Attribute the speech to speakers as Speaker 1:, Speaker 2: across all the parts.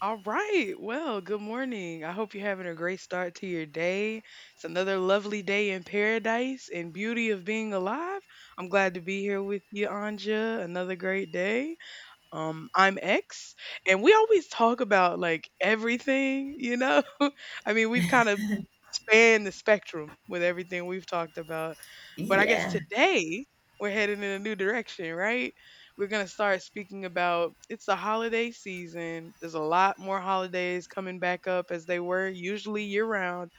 Speaker 1: All right. Well, good morning. I hope you're having a great start to your day. It's another lovely day in paradise and beauty of being alive. I'm glad to be here with you, Anja. Another great day. I'm X, and we always talk about like everything, you know? I mean, we've kind of spanned the spectrum with everything we've talked about. But I guess
Speaker 2: Yeah.
Speaker 1: today we're heading in a new direction, right? We're going to start speaking about it's the holiday season. There's a lot more holidays coming back up as they were usually year round,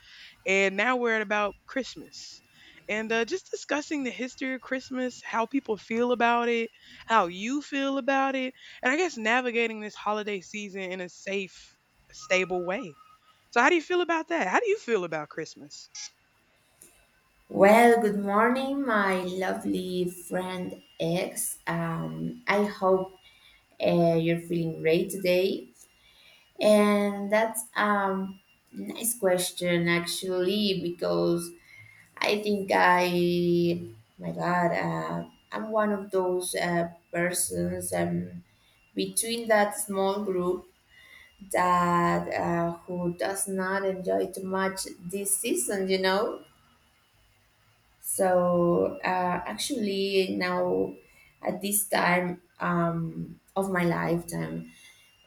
Speaker 1: and now we're at about Christmas. And just discussing the history of Christmas, how people feel about it, how you feel about it, and I guess navigating this holiday season in a safe, stable way. So, how do you feel about that? How do you feel about Christmas?
Speaker 2: Well, good morning, my lovely friend X. I hope you're feeling great today. And that's nice question actually because I think I, my God, I'm one of those persons between that small group that who does not enjoy too much this season. So actually, now at this time of my lifetime,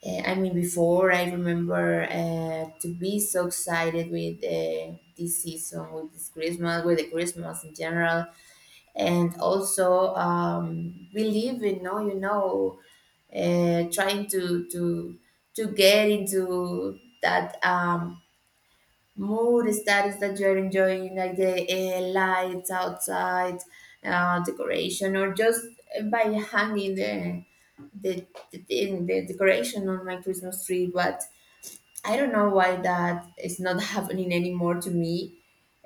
Speaker 2: I mean, before I remember to be so excited with this season, with this Christmas, with the Christmas in general, and also believing, no, trying to get into that mood status that is that you're enjoying like the lights outside decoration or just by hanging the decoration on my Christmas tree but I don't know why that is not happening anymore to me.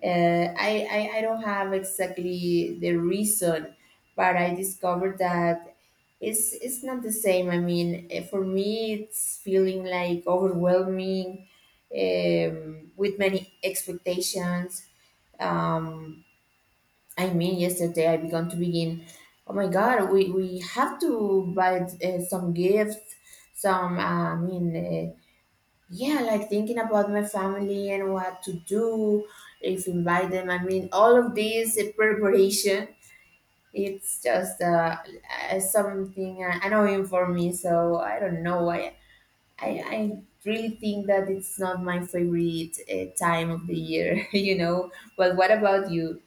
Speaker 2: Uh, I, I don't have exactly the reason, but I discovered that it's not the same. I mean, for me, it's feeling like overwhelming, um, with many expectations. Um, I mean, yesterday I began to begin. Oh my God, we have to buy some gifts, some I mean. Yeah, like thinking about my family and what to do, if invite them. I mean, all of this preparation, it's just something annoying for me. So I don't know why. I really think that it's not my favorite time of the year, you know. But what about you?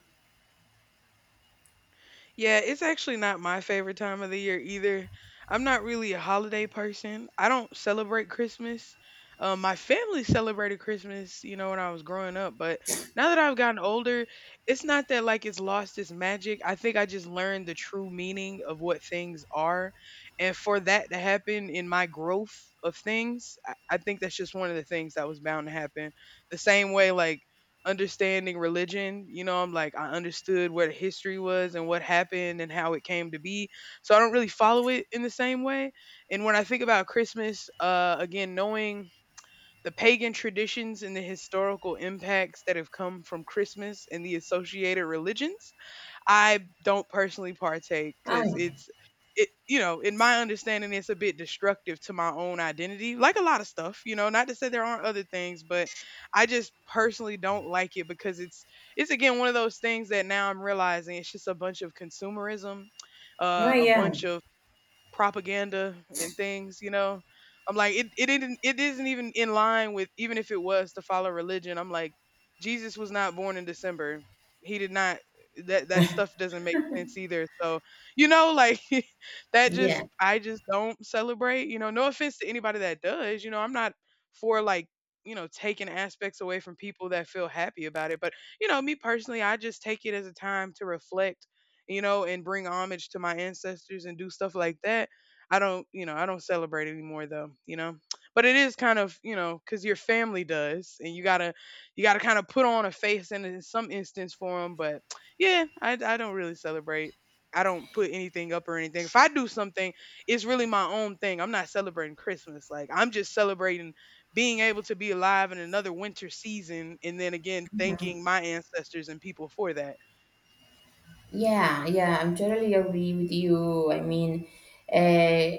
Speaker 1: Yeah, it's actually not my favorite time of the year either. I'm not really a holiday person. I don't celebrate Christmas. My family celebrated Christmas, you know, when I was growing up, but now that I've gotten older, it's not that like it's lost its magic. I think I just learned the true meaning of what things are. And for that to happen in my growth of things, I think that's just one of the things that was bound to happen. The same way, like, understanding religion. You know, I'm like, I understood where the history was and what happened and how it came to be. So I don't really follow it in the same way. And when I think about Christmas, again, knowing the pagan traditions and the historical impacts that have come from Christmas and the associated religions, I don't personally partake because
Speaker 2: Oh,
Speaker 1: it you know, in my understanding it's a bit destructive to my own identity, like a lot of stuff, you know. Not to say there aren't other things, but I just personally don't like it because it's again one of those things that now I'm realizing it's just a bunch of consumerism,
Speaker 2: oh,
Speaker 1: a
Speaker 2: yeah,
Speaker 1: bunch of propaganda and things, you know. I'm like it isn't even in line with, even if it was to follow religion. I'm like Jesus was not born in December. He did not, that stuff doesn't make sense either. So, you know, like that just
Speaker 2: yeah.
Speaker 1: I just don't celebrate, you know. No offense to anybody that does, you know. I'm not for like, you know, taking aspects away from people that feel happy about it. But, you know, me personally, I just take it as a time to reflect, you know, and bring homage to my ancestors and do stuff like that. I don't, you know, I don't celebrate anymore though, you know. But it is kind of, you know, cuz your family does and you got to, you got to kind of put on a face in some instance for them, but yeah, I don't really celebrate. I don't put anything up or anything. If I do something, it's really my own thing. I'm not celebrating Christmas. Like I'm just celebrating being able to be alive in another winter season and then again thanking my ancestors and people for that.
Speaker 2: Yeah, yeah, I'm totally agree with you. I mean, uh,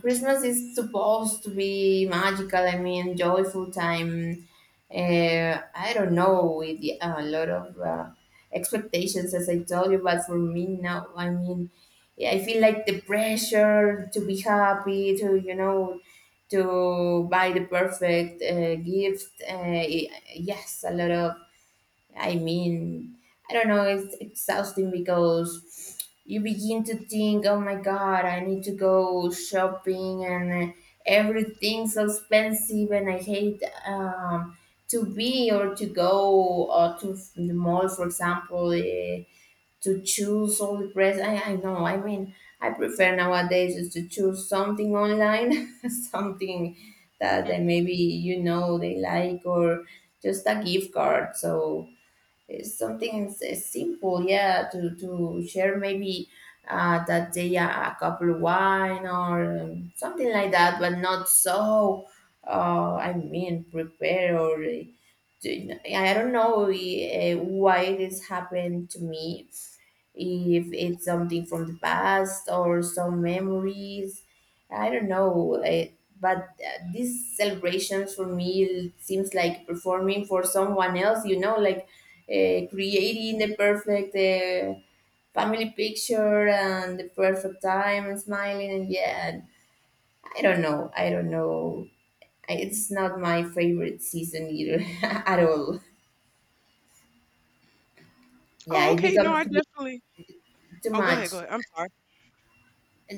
Speaker 2: Christmas is supposed to be magical. I mean, joyful time. I don't know with a lot of expectations, as I told you, but for me now, I mean, yeah, I feel like the pressure to be happy, to to buy the perfect gift. Yes, a lot of I mean, I don't know, it's exhausting because you begin to think, oh my God, I need to go shopping and everything's so expensive and I hate to be or to go or to the mall, for example, to choose all the dress. I know, I mean, I prefer nowadays just to choose something online, something that they maybe you know they like or just a gift card. So, it's something simple, yeah, to share maybe that day a couple of wine or something like that, but not so, I mean, prepare or I don't know why this happened to me if it's something from the past or some memories I don't know I, but these celebrations for me seems like performing for someone else like creating the perfect family picture and the perfect time and smiling and yeah I don't know. I, it's not my favorite season either at all. Yeah,
Speaker 1: Oh,
Speaker 2: it
Speaker 1: okay. No,
Speaker 2: becomes
Speaker 1: I
Speaker 2: to be
Speaker 1: definitely
Speaker 2: too
Speaker 1: Oh, go ahead, go
Speaker 2: much.
Speaker 1: ahead. I'm sorry.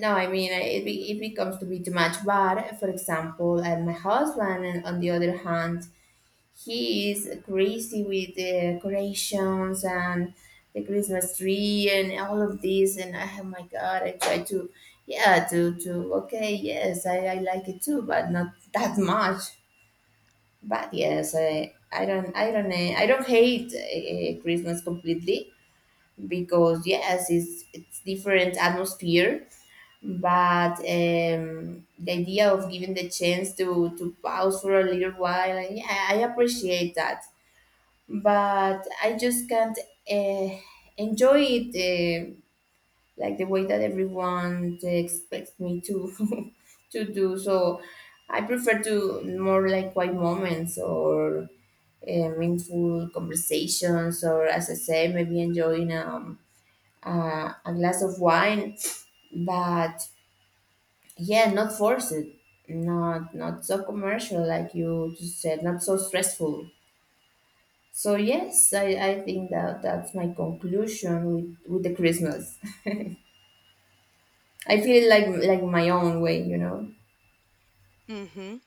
Speaker 2: No, I mean, it becomes to be too much, but for example and my husband and on the other hand, he is crazy with the decorations and the Christmas tree and all of this. And oh my God, I try to, yeah, okay, yes, I like it too, but not that much. But yes, I don't hate Christmas completely because yes, it's different atmosphere but the idea of giving the chance to pause for a little while, and yeah I appreciate that, but I just can't uh, enjoy it like the way that everyone expects me to to do. So I prefer to more like quiet moments or meaningful conversations, or as I say, maybe enjoying a glass of wine. But yeah, not forced, not so commercial like you just said, not so stressful. So yes, I think that that's my conclusion with the Christmas. I feel like my own way, you know.
Speaker 1: Mhm.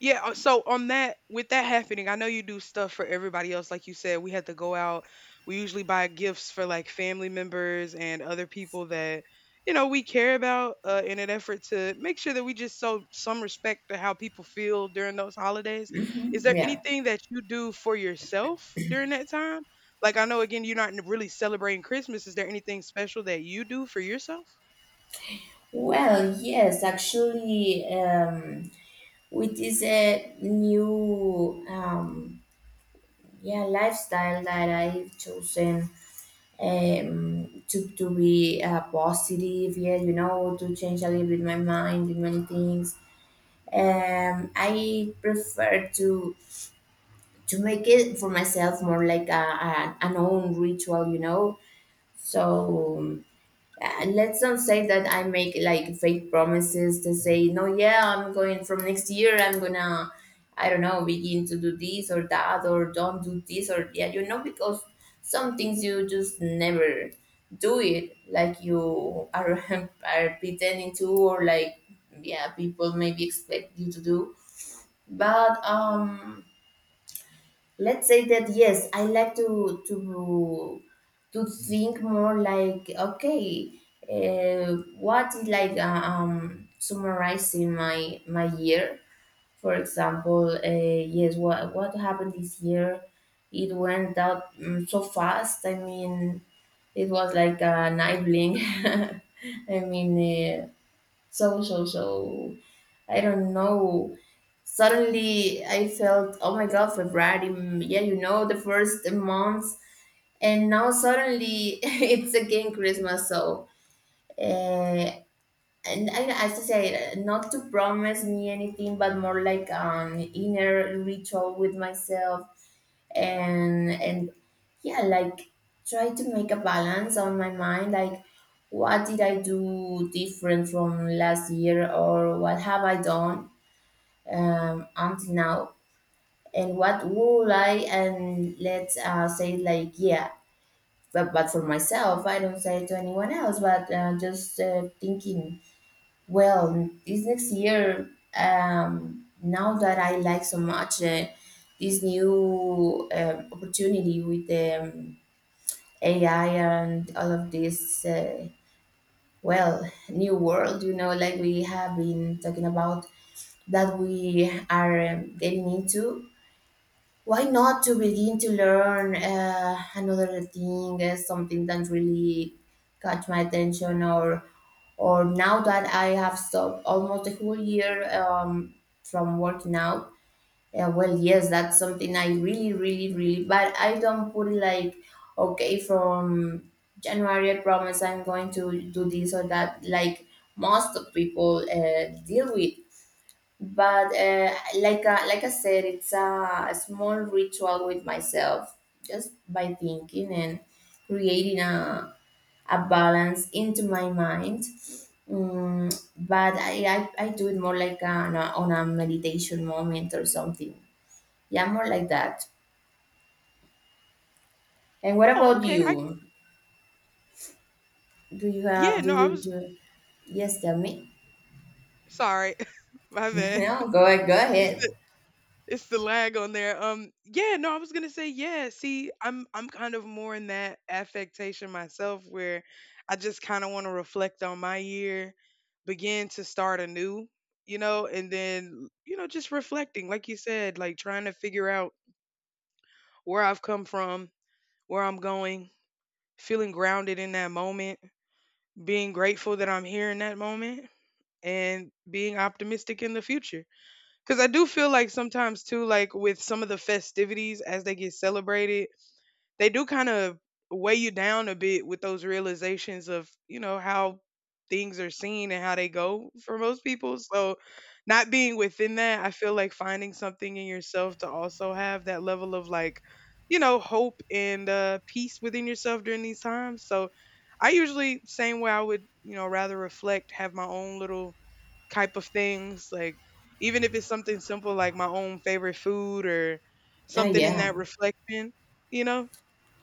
Speaker 1: Yeah, so on that, with that happening, I know you do stuff for everybody else like you said. We had to go out. We usually buy gifts for like family members and other people that, you know, we care about in an effort to make sure that we just show some respect to how people feel during those holidays. Is
Speaker 2: Mhm.
Speaker 1: there
Speaker 2: Yeah.
Speaker 1: anything that you do for yourself during that time? Like, I know, again, you're not n- really celebrating Christmas. Is there anything special that you do for yourself?
Speaker 2: Well, yes, actually, with this new yeah lifestyle that I've chosen to be positive, yeah, to change a little bit my mind in many things. I prefer to make it for myself more like a an own ritual. So let's not say that I make like fake promises to say no, yeah, I'm going from next year. I'm gonna, I don't know, begin to do this or that or don't do this or yeah, because some things you just never do it like you are are pretending to or like yeah people maybe expect you to do, but let's say that yes I like to to think more like okay, uh, what is like summarizing my year, for example. Yes, what happened this year, it went out so fast. I mean, it was like an eye blink. I mean, uh, so I don't know, suddenly I felt oh my God, February, yeah, the first months, and now suddenly it's again Christmas. So uh, and I, as I say, not to promise me anything, but more like an inner ritual with myself. And yeah, like try to make a balance on my mind like what did I do different from last year or what have I done until now, and what will I and let's say like yeah, but for myself I don't say it to anyone else but just thinking, well, this next year, now that I like so much this new opportunity with AI and all of this, well, new world, like we have been talking about that we are getting into. Why not to begin to learn another thing, something that really caught my attention, or now that I have stopped almost a whole year from working out, yeah, well, yes, that's something I really, really, really, but I don't put it like, okay, from January, I promise I'm going to do this or that, like most of people deal with. But like I said, it's a small ritual with myself, just by thinking and creating a balance into my mind. Mm, but I do it more like on a meditation moment or something. Yeah, more like that. And what
Speaker 1: Oh,
Speaker 2: about
Speaker 1: okay. I
Speaker 2: you? Do you have,
Speaker 1: yeah,
Speaker 2: do
Speaker 1: no, I
Speaker 2: you
Speaker 1: was
Speaker 2: do, yes, tell me.
Speaker 1: sorry. My bad.
Speaker 2: No, go
Speaker 1: It's
Speaker 2: ahead.
Speaker 1: It's the lag on there. Yeah, no, I was gonna say, yeah. See, I'm kind of more in that affectation myself, where I just kind of want to reflect on my year, begin to start anew, you know, and then you know just reflecting, like you said, like trying to figure out where I've come from, where I'm going, feeling grounded in that moment, being grateful that I'm here in that moment, and being optimistic in the future. Because I do feel like sometimes too, like with some of the festivities as they get celebrated, they do kind of weigh you down a bit with those realizations of, you know, how things are seen and how they go for most people. So not being within that, I feel like finding something in yourself to also have that level of like, you know, hope and peace within yourself during these times. So I usually, same way I would, you know, rather reflect, have my own little type of things. Like even if it's something simple like my own favorite food or
Speaker 2: Oh,
Speaker 1: something in
Speaker 2: yeah.
Speaker 1: that reflection, you know?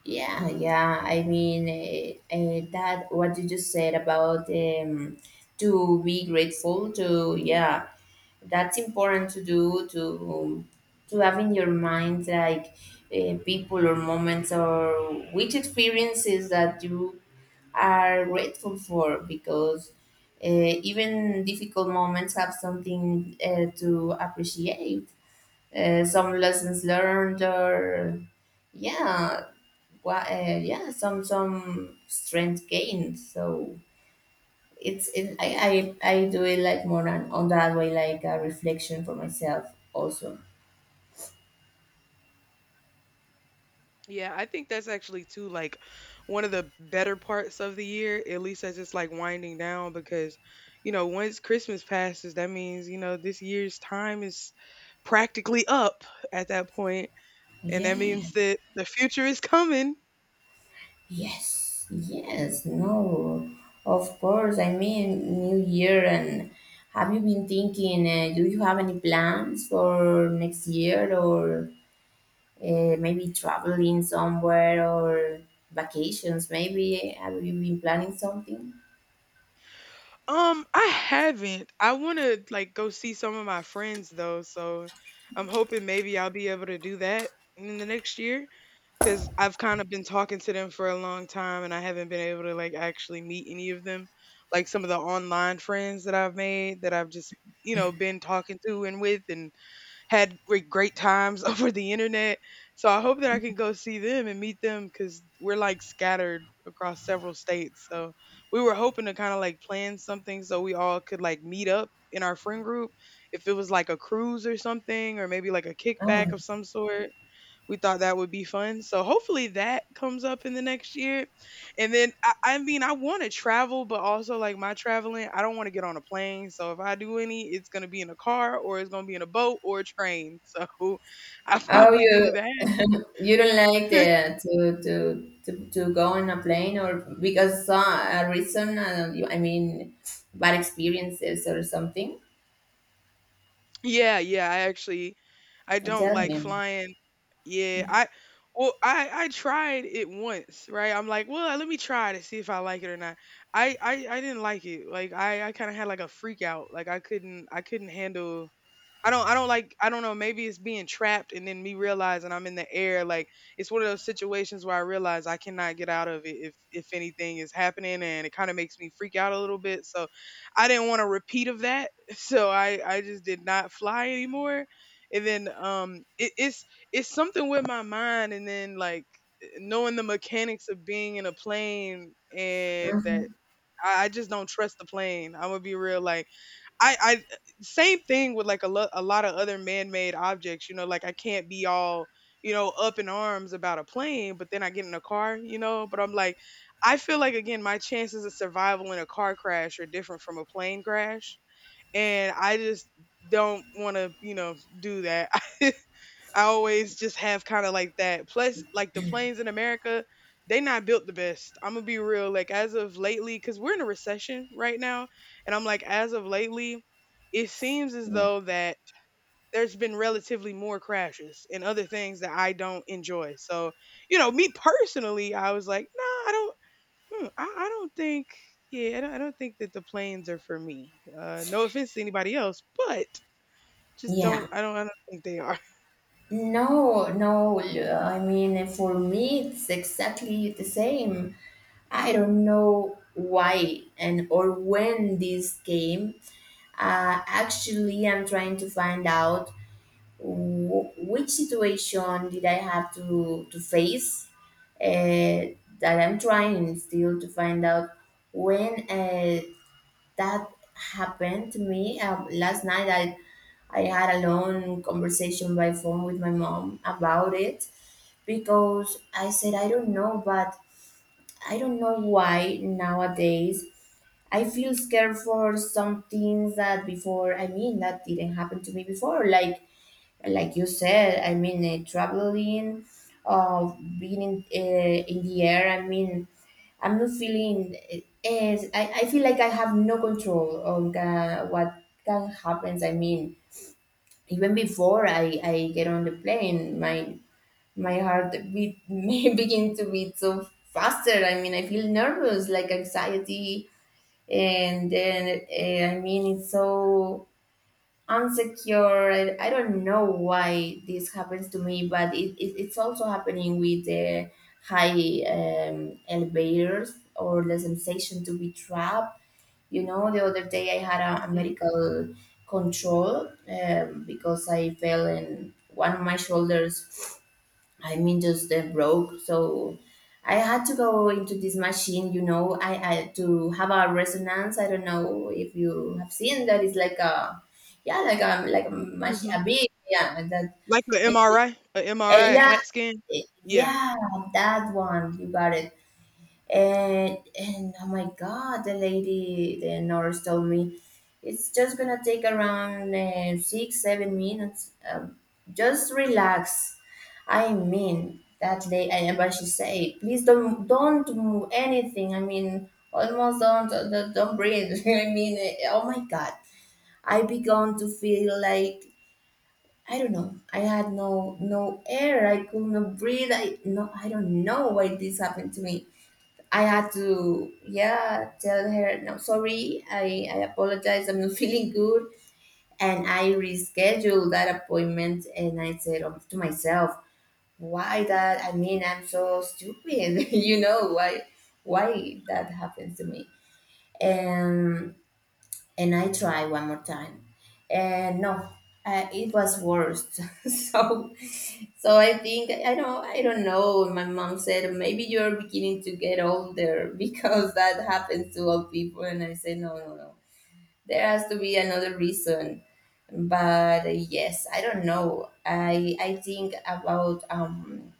Speaker 2: Yeah, yeah. I mean, that what you just said about to be grateful to, yeah, that's important to do to have in your mind like people or moments or which experiences that you are grateful for because even difficult moments have something to appreciate, some lessons learned or yeah, well, yeah, some strength gain. So I do it like more on that way, like a reflection for myself also.
Speaker 1: Yeah, I think that's actually too like one of the better parts of the year, at least as it's like winding down because you know, once Christmas passes, that means, you know, this year's time is practically up at that point, and that
Speaker 2: Yeah.
Speaker 1: means that the future is coming.
Speaker 2: Yes. Yes. No. Of course. I mean, New Year, and have you been thinking? Do you have any plans for next year or maybe traveling somewhere or vacations? Maybe have you been planning something?
Speaker 1: I haven't. I want to like go see some of my friends though, so I'm hoping maybe I'll be able to do that in the next year cuz I've kind of been talking to them for a long time and I haven't been able to like actually meet any of them. Like some of the online friends that I've made that I've just, you know, been talking to and with, and had great great times over the internet. So I hope that I can go see them and meet them because we're like scattered across several states. So we were hoping to kind of like plan something so we all could like meet up in our friend group, if it was like a cruise or something or maybe like a kickback
Speaker 2: Oh,
Speaker 1: of some sort. We thought that would be fun. So hopefully that comes up in the next year. And then I mean I want to travel, but also like my traveling, I don't want to get on a plane. So if I do any, it's gonna be in a car or it's gonna be in a boat or a train. So I
Speaker 2: oh,
Speaker 1: probably
Speaker 2: you
Speaker 1: do that.
Speaker 2: You Don't like the, to, go on a plane or because a reason. You, I mean, bad experiences or something.
Speaker 1: Yeah, yeah, I actually I don't
Speaker 2: Tell
Speaker 1: like
Speaker 2: me.
Speaker 1: flying. Yeah, I well I tried it once, right? I'm like, well, let me try to see if I like it or not. I didn't like it. Like I kind of had like a freak out. Like I couldn't handle I don't like I don't know, maybe it's being trapped and then me realizing I'm in the air. Like it's one of those situations where I realize I cannot get out of it if anything is happening and it kind of makes me freak out a little bit. So I didn't want a repeat of that. So I just did not fly anymore. And then it's something with my mind and then like knowing the mechanics of being in a plane and
Speaker 2: Hmm.
Speaker 1: that I just don't trust the plane. I'm gonna be real. Like I I eh, same thing with like a lot of other man-made objects, you know, like I can't be all, you know, up in arms about a plane, but then I get in a car, you know, but I'm like I feel like again my chances of survival in a car crash are different from a plane crash, and I just don't want to, you know, do that. I always just have kind of like that. Plus, like the planes in America, they not built the best. I'm gonna be real. Like as of lately, because we're in a recession right now, and I'm like, as of lately, it seems as
Speaker 2: Yeah.
Speaker 1: though that there's been relatively more crashes and other things that I don't enjoy. So, you know, me personally, I was like, nah, I don't. Hmm, I don't think. Yeah, I don't think that the planes are for me. No offense to anybody else, but just
Speaker 2: Yeah.
Speaker 1: don't. I don't. I don't think they are.
Speaker 2: No, no. I mean, for me, it's exactly the same. I don't know why and or when this came. Actually, I'm trying to find out which situation did I have to face, uh, that I'm trying still to find out when that happened to me. Last night I had a long conversation by phone with my mom about it because I said, I don't know, but I don't know why nowadays I feel scared for some things that before, I mean, that didn't happen to me before. Like you said, I mean, traveling, of being in the air. I mean, I'm not feeling. I feel like I have no control on what can happens. I mean, even before I get on the plane, my heart beat may begin to beat so faster. I mean, I feel nervous, like anxiety, and then I mean, it's so unsecure. I don't know why this happens to me, but it's also happening with the high elevators or the sensation to be trapped. You know, the other day I had a medical control because I fell and one of my shoulders I mean, just broke. So I had to go into this machine, I had to have a resonance. I don't know if you have seen that. It's like a, yeah, like a machine,
Speaker 1: Mhm.
Speaker 2: a big, yeah, like that,
Speaker 1: Like an
Speaker 2: eh,
Speaker 1: MRI, a
Speaker 2: yeah,
Speaker 1: CAT scan.
Speaker 2: eh,
Speaker 1: Yeah.
Speaker 2: yeah, that one. You got it. And oh my God, the lady, the nurse told me, it's just gonna take around 6, 7 minutes. Just relax. I mean, that lady, and but she say, please don't do anything. I mean, almost don't breathe. I mean, oh my God, I began to feel like I don't know. I had no air. I could not breathe. I don't know why this happened to me. I had to, yeah, tell her, no, sorry, I apologize, I'm not feeling good. And I rescheduled that appointment and I said, to myself, why that? I mean, I'm so stupid, you know, why that happens to me? And and I try one more time, and no, it was worse. so, so I think I don't know. My mom said maybe you're beginning to get older because that happens to all people, and I said no, no, no. There has to be another reason. But yes, I don't know. I think about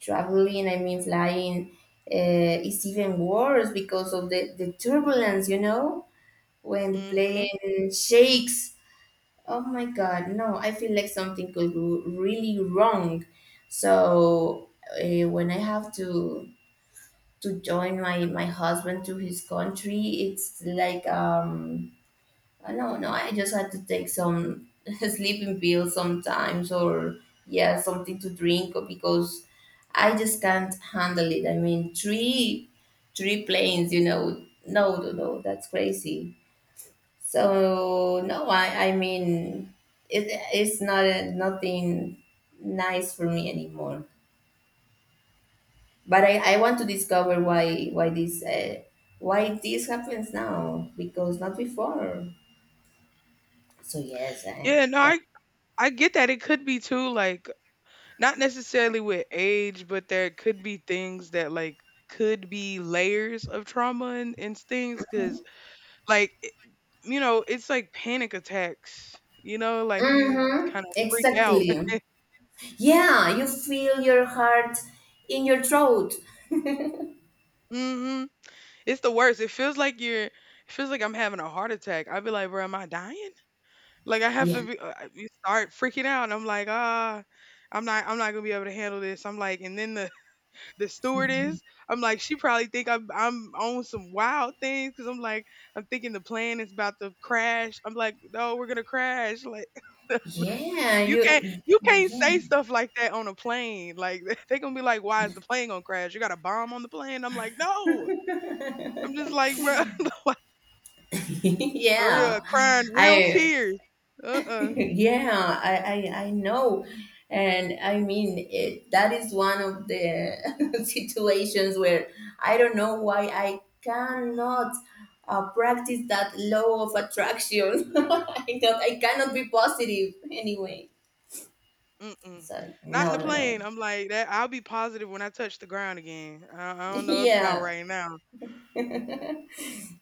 Speaker 2: traveling. I mean, flying is even worse because of the turbulence. You know, when the
Speaker 1: Mhm.
Speaker 2: plane shakes. Oh my God, no, I feel like something could go really wrong. So when I have to join my husband to his country, it's like, I don't know, no, I just had to take some sleeping pills sometimes, or yeah, something to drink, or because I just can't handle it. I mean, three planes, you know. No, no, no, that's crazy. So no, I mean, it, it's nothing nice for me anymore. But I want to discover why this happens now because not before. So yes,
Speaker 1: Yeah, no,
Speaker 2: yeah.
Speaker 1: I get that it could be too like not necessarily with age, but there could be things that like could be layers of trauma and things cuz like it- you know, it's like panic attacks. You know, like you
Speaker 2: Mm-hmm.
Speaker 1: kind of freak out.
Speaker 2: Exactly. Yeah, you feel your heart in your throat.
Speaker 1: Mhm. It's the worst. It feels like I'm having a heart attack. I'd be like, "Bro, am I dying?" Like I have
Speaker 2: Yeah.
Speaker 1: to be, you start freaking out, and I'm like, ah, I'm not gonna be able to handle this. I'm like, and then the the stewardess, I'm like, she probably think I'm on some wild things because I'm like, I'm thinking the plane is about to crash. I'm like, no, we're gonna crash. Like
Speaker 2: Yeah, you
Speaker 1: you can't
Speaker 2: yeah.
Speaker 1: say stuff like that on a plane. Like they gonna be like, why is the plane gonna crash? You got a bomb on the plane? I'm like, no. I'm just like, bro, for real,
Speaker 2: Yeah.
Speaker 1: crying real
Speaker 2: I
Speaker 1: tears. Uh uh
Speaker 2: Yeah, I know, and I mean, it, that is one of the situations where I don't know why I cannot practice that law of attraction. I thought, I cannot be positive anyway,
Speaker 1: Mm-mm.
Speaker 2: so
Speaker 1: Not in
Speaker 2: no,
Speaker 1: the
Speaker 2: no, no.
Speaker 1: plane. I'm like that. I'll be positive when I touch the ground again. I don't know about
Speaker 2: Yeah.
Speaker 1: right now.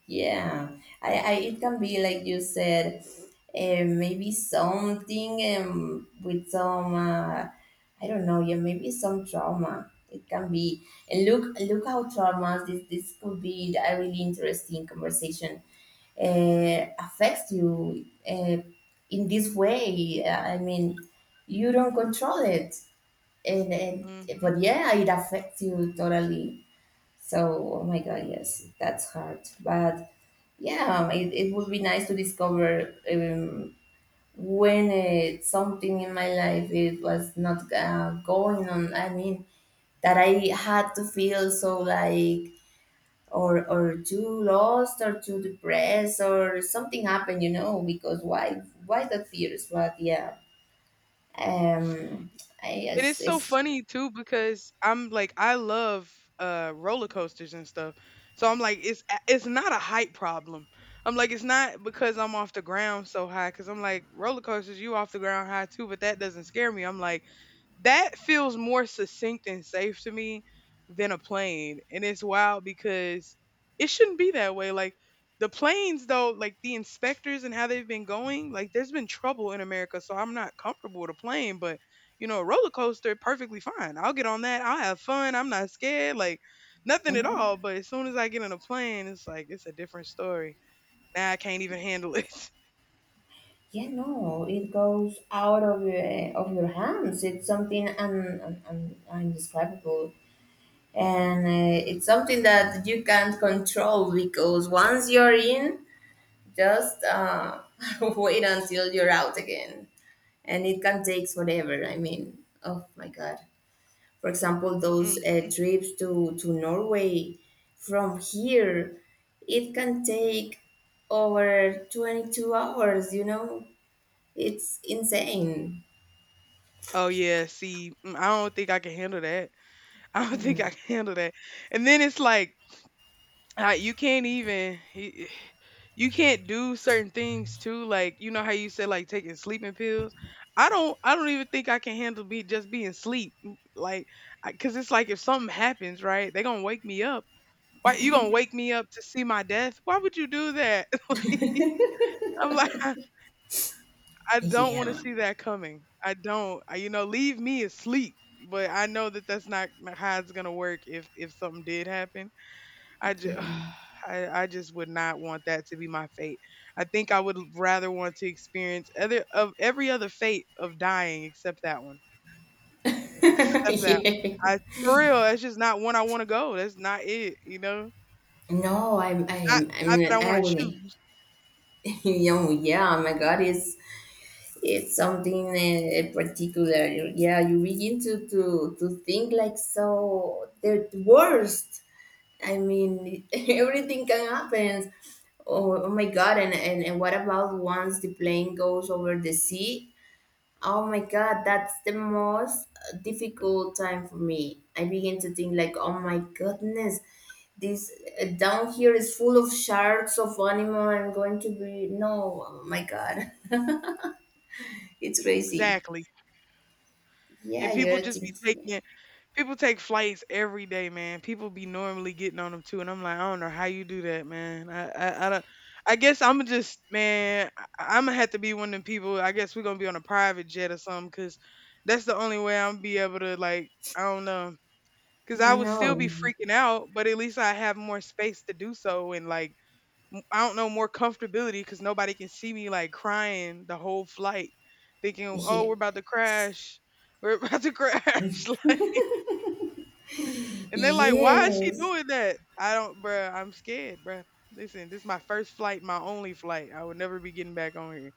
Speaker 2: Yeah, I it can be like you said, maybe something with some, I don't know, yeah, maybe some trauma. It can be, and look how traumas, this could be a really interesting conversation, affects you, uh, in this way. I mean, you don't control it, and,
Speaker 1: Hmm
Speaker 2: but yeah, it affects you totally. So oh my God, yes, that's hard, but yeah, it would be nice to discover, when something in my life it was not going on. I mean, that I had to feel so like or too lost or too depressed, or something happened, you know? Because why the fears? But yeah, um, I
Speaker 1: It is
Speaker 2: it's,
Speaker 1: so
Speaker 2: it's
Speaker 1: funny too because I'm like I love roller coasters and stuff. So I'm like it's not a height problem. I'm like it's not because I'm off the ground so high because I'm like roller coasters you off the ground high too, but that doesn't scare me. I'm like that feels more succinct and safe to me than a plane. And it's wild because it shouldn't be that way. Like the planes though, like the inspectors and how they've been going, like there's been trouble in America, so I'm not comfortable with a plane, but you know, a roller coaster perfectly fine. I'll get on that. I'll have fun. I'm not scared. Like nothing at
Speaker 2: Mhm.
Speaker 1: all. But as soon as I get on a plane, it's like it's a different story. Now I can't even handle it.
Speaker 2: Yeah, no, it goes out of your hands. It's something undescribable, and it's something that you can't control, because once you're in, just wait until you're out again, and it can take forever. I mean, oh my God, for example, those
Speaker 1: Mm.
Speaker 2: trips to Norway from here, it can take over 22 hours, it's insane.
Speaker 1: Oh yeah, see, mm, I don't think I can handle that. I don't think I can
Speaker 2: Mm.
Speaker 1: handle that. And then it's like uh, you can't even you you can't do certain things too. Like you know how you said like taking sleeping pills. I don't even think I can handle be just being sleep. M- Like I, cause it's like if something happens, right? They gonna wake me up. Why you gonna wake me up to see my death? Why would you do that? Like, I'm like I don't want to
Speaker 2: Yeah,
Speaker 1: see that coming. I don't. I, you know, leave me asleep. But I know that that's not not how it's gonna work if something did happen. I just
Speaker 2: yeah.
Speaker 1: I just would not want that to be my fate. I think I would rather want to experience other of every other fate of dying except that one. Except that
Speaker 2: Yeah,
Speaker 1: one. I for real, that's just not one I want to go. That's not it, you know?
Speaker 2: no, i'm
Speaker 1: Not
Speaker 2: i'm i'm
Speaker 1: not that I
Speaker 2: not
Speaker 1: want to
Speaker 2: agree.
Speaker 1: choose.
Speaker 2: Yeah, my God, it's something, particular. Yeah, you begin to think like, so, the worst. I mean, everything can happen. Oh, oh my God! And what about once the plane goes over the sea? Oh my God, that's the most difficult time for me. I begin to think like, oh my goodness, this down here is full of sharks, of animal. I'm going to be, no, oh my God, it's crazy.
Speaker 1: Exactly.
Speaker 2: Yeah,
Speaker 1: And people
Speaker 2: you're
Speaker 1: just be
Speaker 2: thinking,
Speaker 1: taking people take flights every day, man. People be normally getting on them too, and I'm like, I don't know how you do that, man. I don't. I guess I'm just, man. I'm gonna have to be one of them people. I guess we're gonna be on a private jet or something, cause that's the only way I'm be able to, like, I don't know, cause I would still
Speaker 2: no,
Speaker 1: be freaking out, but at least I have more space to do so, and like, m- I don't know, more comfortability, cause nobody can see me like crying the whole flight, thinking, oh,
Speaker 2: yeah.
Speaker 1: we're about to crash, we're about to crash. And they're like, why is she
Speaker 2: Yes,
Speaker 1: doing that? I don't, bruh. I'm scared, bruh. Listen, this is my first flight, my only flight. I would never be getting back on here.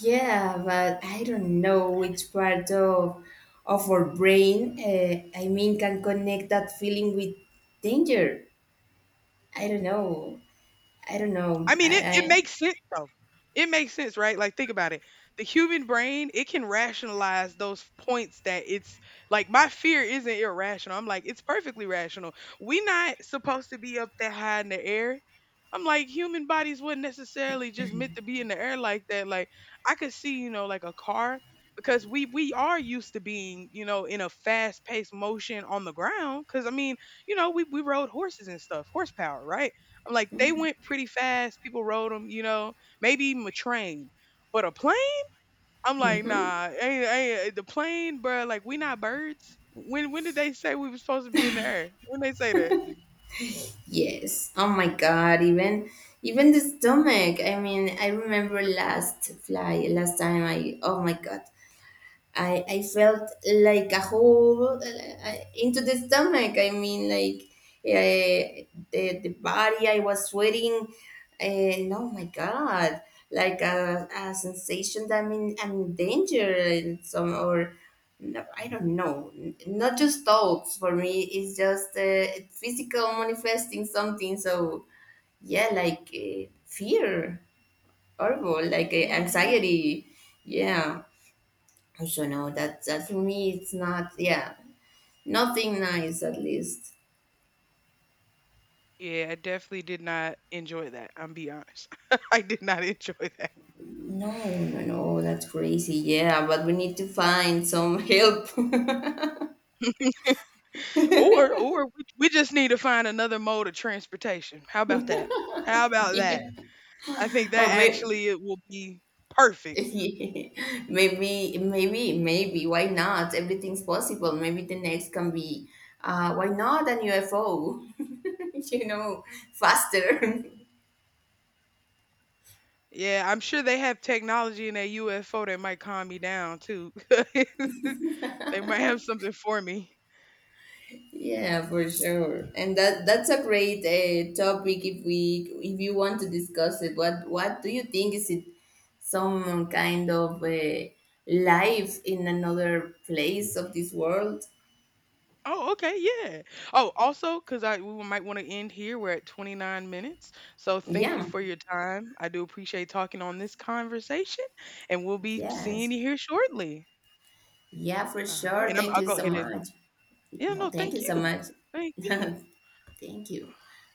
Speaker 2: yeah, but I don't know which part of our brain, I mean, can connect that feeling with danger. I don't know. I don't know.
Speaker 1: I mean, it
Speaker 2: I
Speaker 1: makes sense though. It makes sense, right? Like think about it. The human brain, it can rationalize those points that it's like my fear isn't irrational. I'm like, it's perfectly rational. We not supposed to be up that high in the air. I'm like, human bodies wouldn't necessarily just meant to be in the air like that. Like I could see, you know, like a car because we are used to being, you know, in a fast paced motion on the ground. Cause I mean, you know, we rode horses and stuff, horsepower, right? I'm like, they went pretty fast. People rode them, you know, maybe even a train. But a plane? I'm like, nah, ain't, ain't, eh, the plane, bruh. Like, we not birds. When did they say we were supposed to be in the air? When they say that?
Speaker 2: Yes. Oh my God, even the stomach. I mean, I remember last time I, oh my God. I felt like a hole into the stomach. I mean, like uh, the body, I was sweating, and oh my God, like a sensation that I'm in danger, and some, or no, I don't know, not just thoughts for me, it's just physical, manifesting something. So, yeah, like fear, horrible, like
Speaker 1: Hmm
Speaker 2: anxiety, yeah. So no, that for me, it's not, yeah, nothing nice, at least.
Speaker 1: Yeah, I definitely did not enjoy that. I'm be honest, I did not enjoy that.
Speaker 2: No, no, no, that's crazy. Yeah, but we need to find some help.
Speaker 1: Or we just need to find another mode of transportation. How about that? How about that?
Speaker 2: Yeah,
Speaker 1: I think that
Speaker 2: or maybe.
Speaker 1: actually it will be perfect.
Speaker 2: Maybe, why not? Everything's possible. Maybe the next can be, why not, an UFO, you know, faster.
Speaker 1: Yeah, I'm sure they have technology in that UFO that might calm me down too. They might have something for me.
Speaker 2: Yeah, for sure. And that's a great topic, if we if you want to discuss it. What do you think, is it some kind of life in another place of this world?
Speaker 1: Oh, okay, yeah. Oh, also, because I we might want to end here. We're at 29 minutes. So thank you
Speaker 2: Yeah.
Speaker 1: for your time. I do appreciate talking on this conversation, and we'll be
Speaker 2: Yes.
Speaker 1: seeing you here shortly.
Speaker 2: Yeah, for
Speaker 1: All right,
Speaker 2: sure.
Speaker 1: and
Speaker 2: Thank
Speaker 1: I'll
Speaker 2: you
Speaker 1: go
Speaker 2: so
Speaker 1: ahead and
Speaker 2: much.
Speaker 1: yeah,
Speaker 2: No,
Speaker 1: no,
Speaker 2: thank you so much.
Speaker 1: thank you.
Speaker 2: Thank you.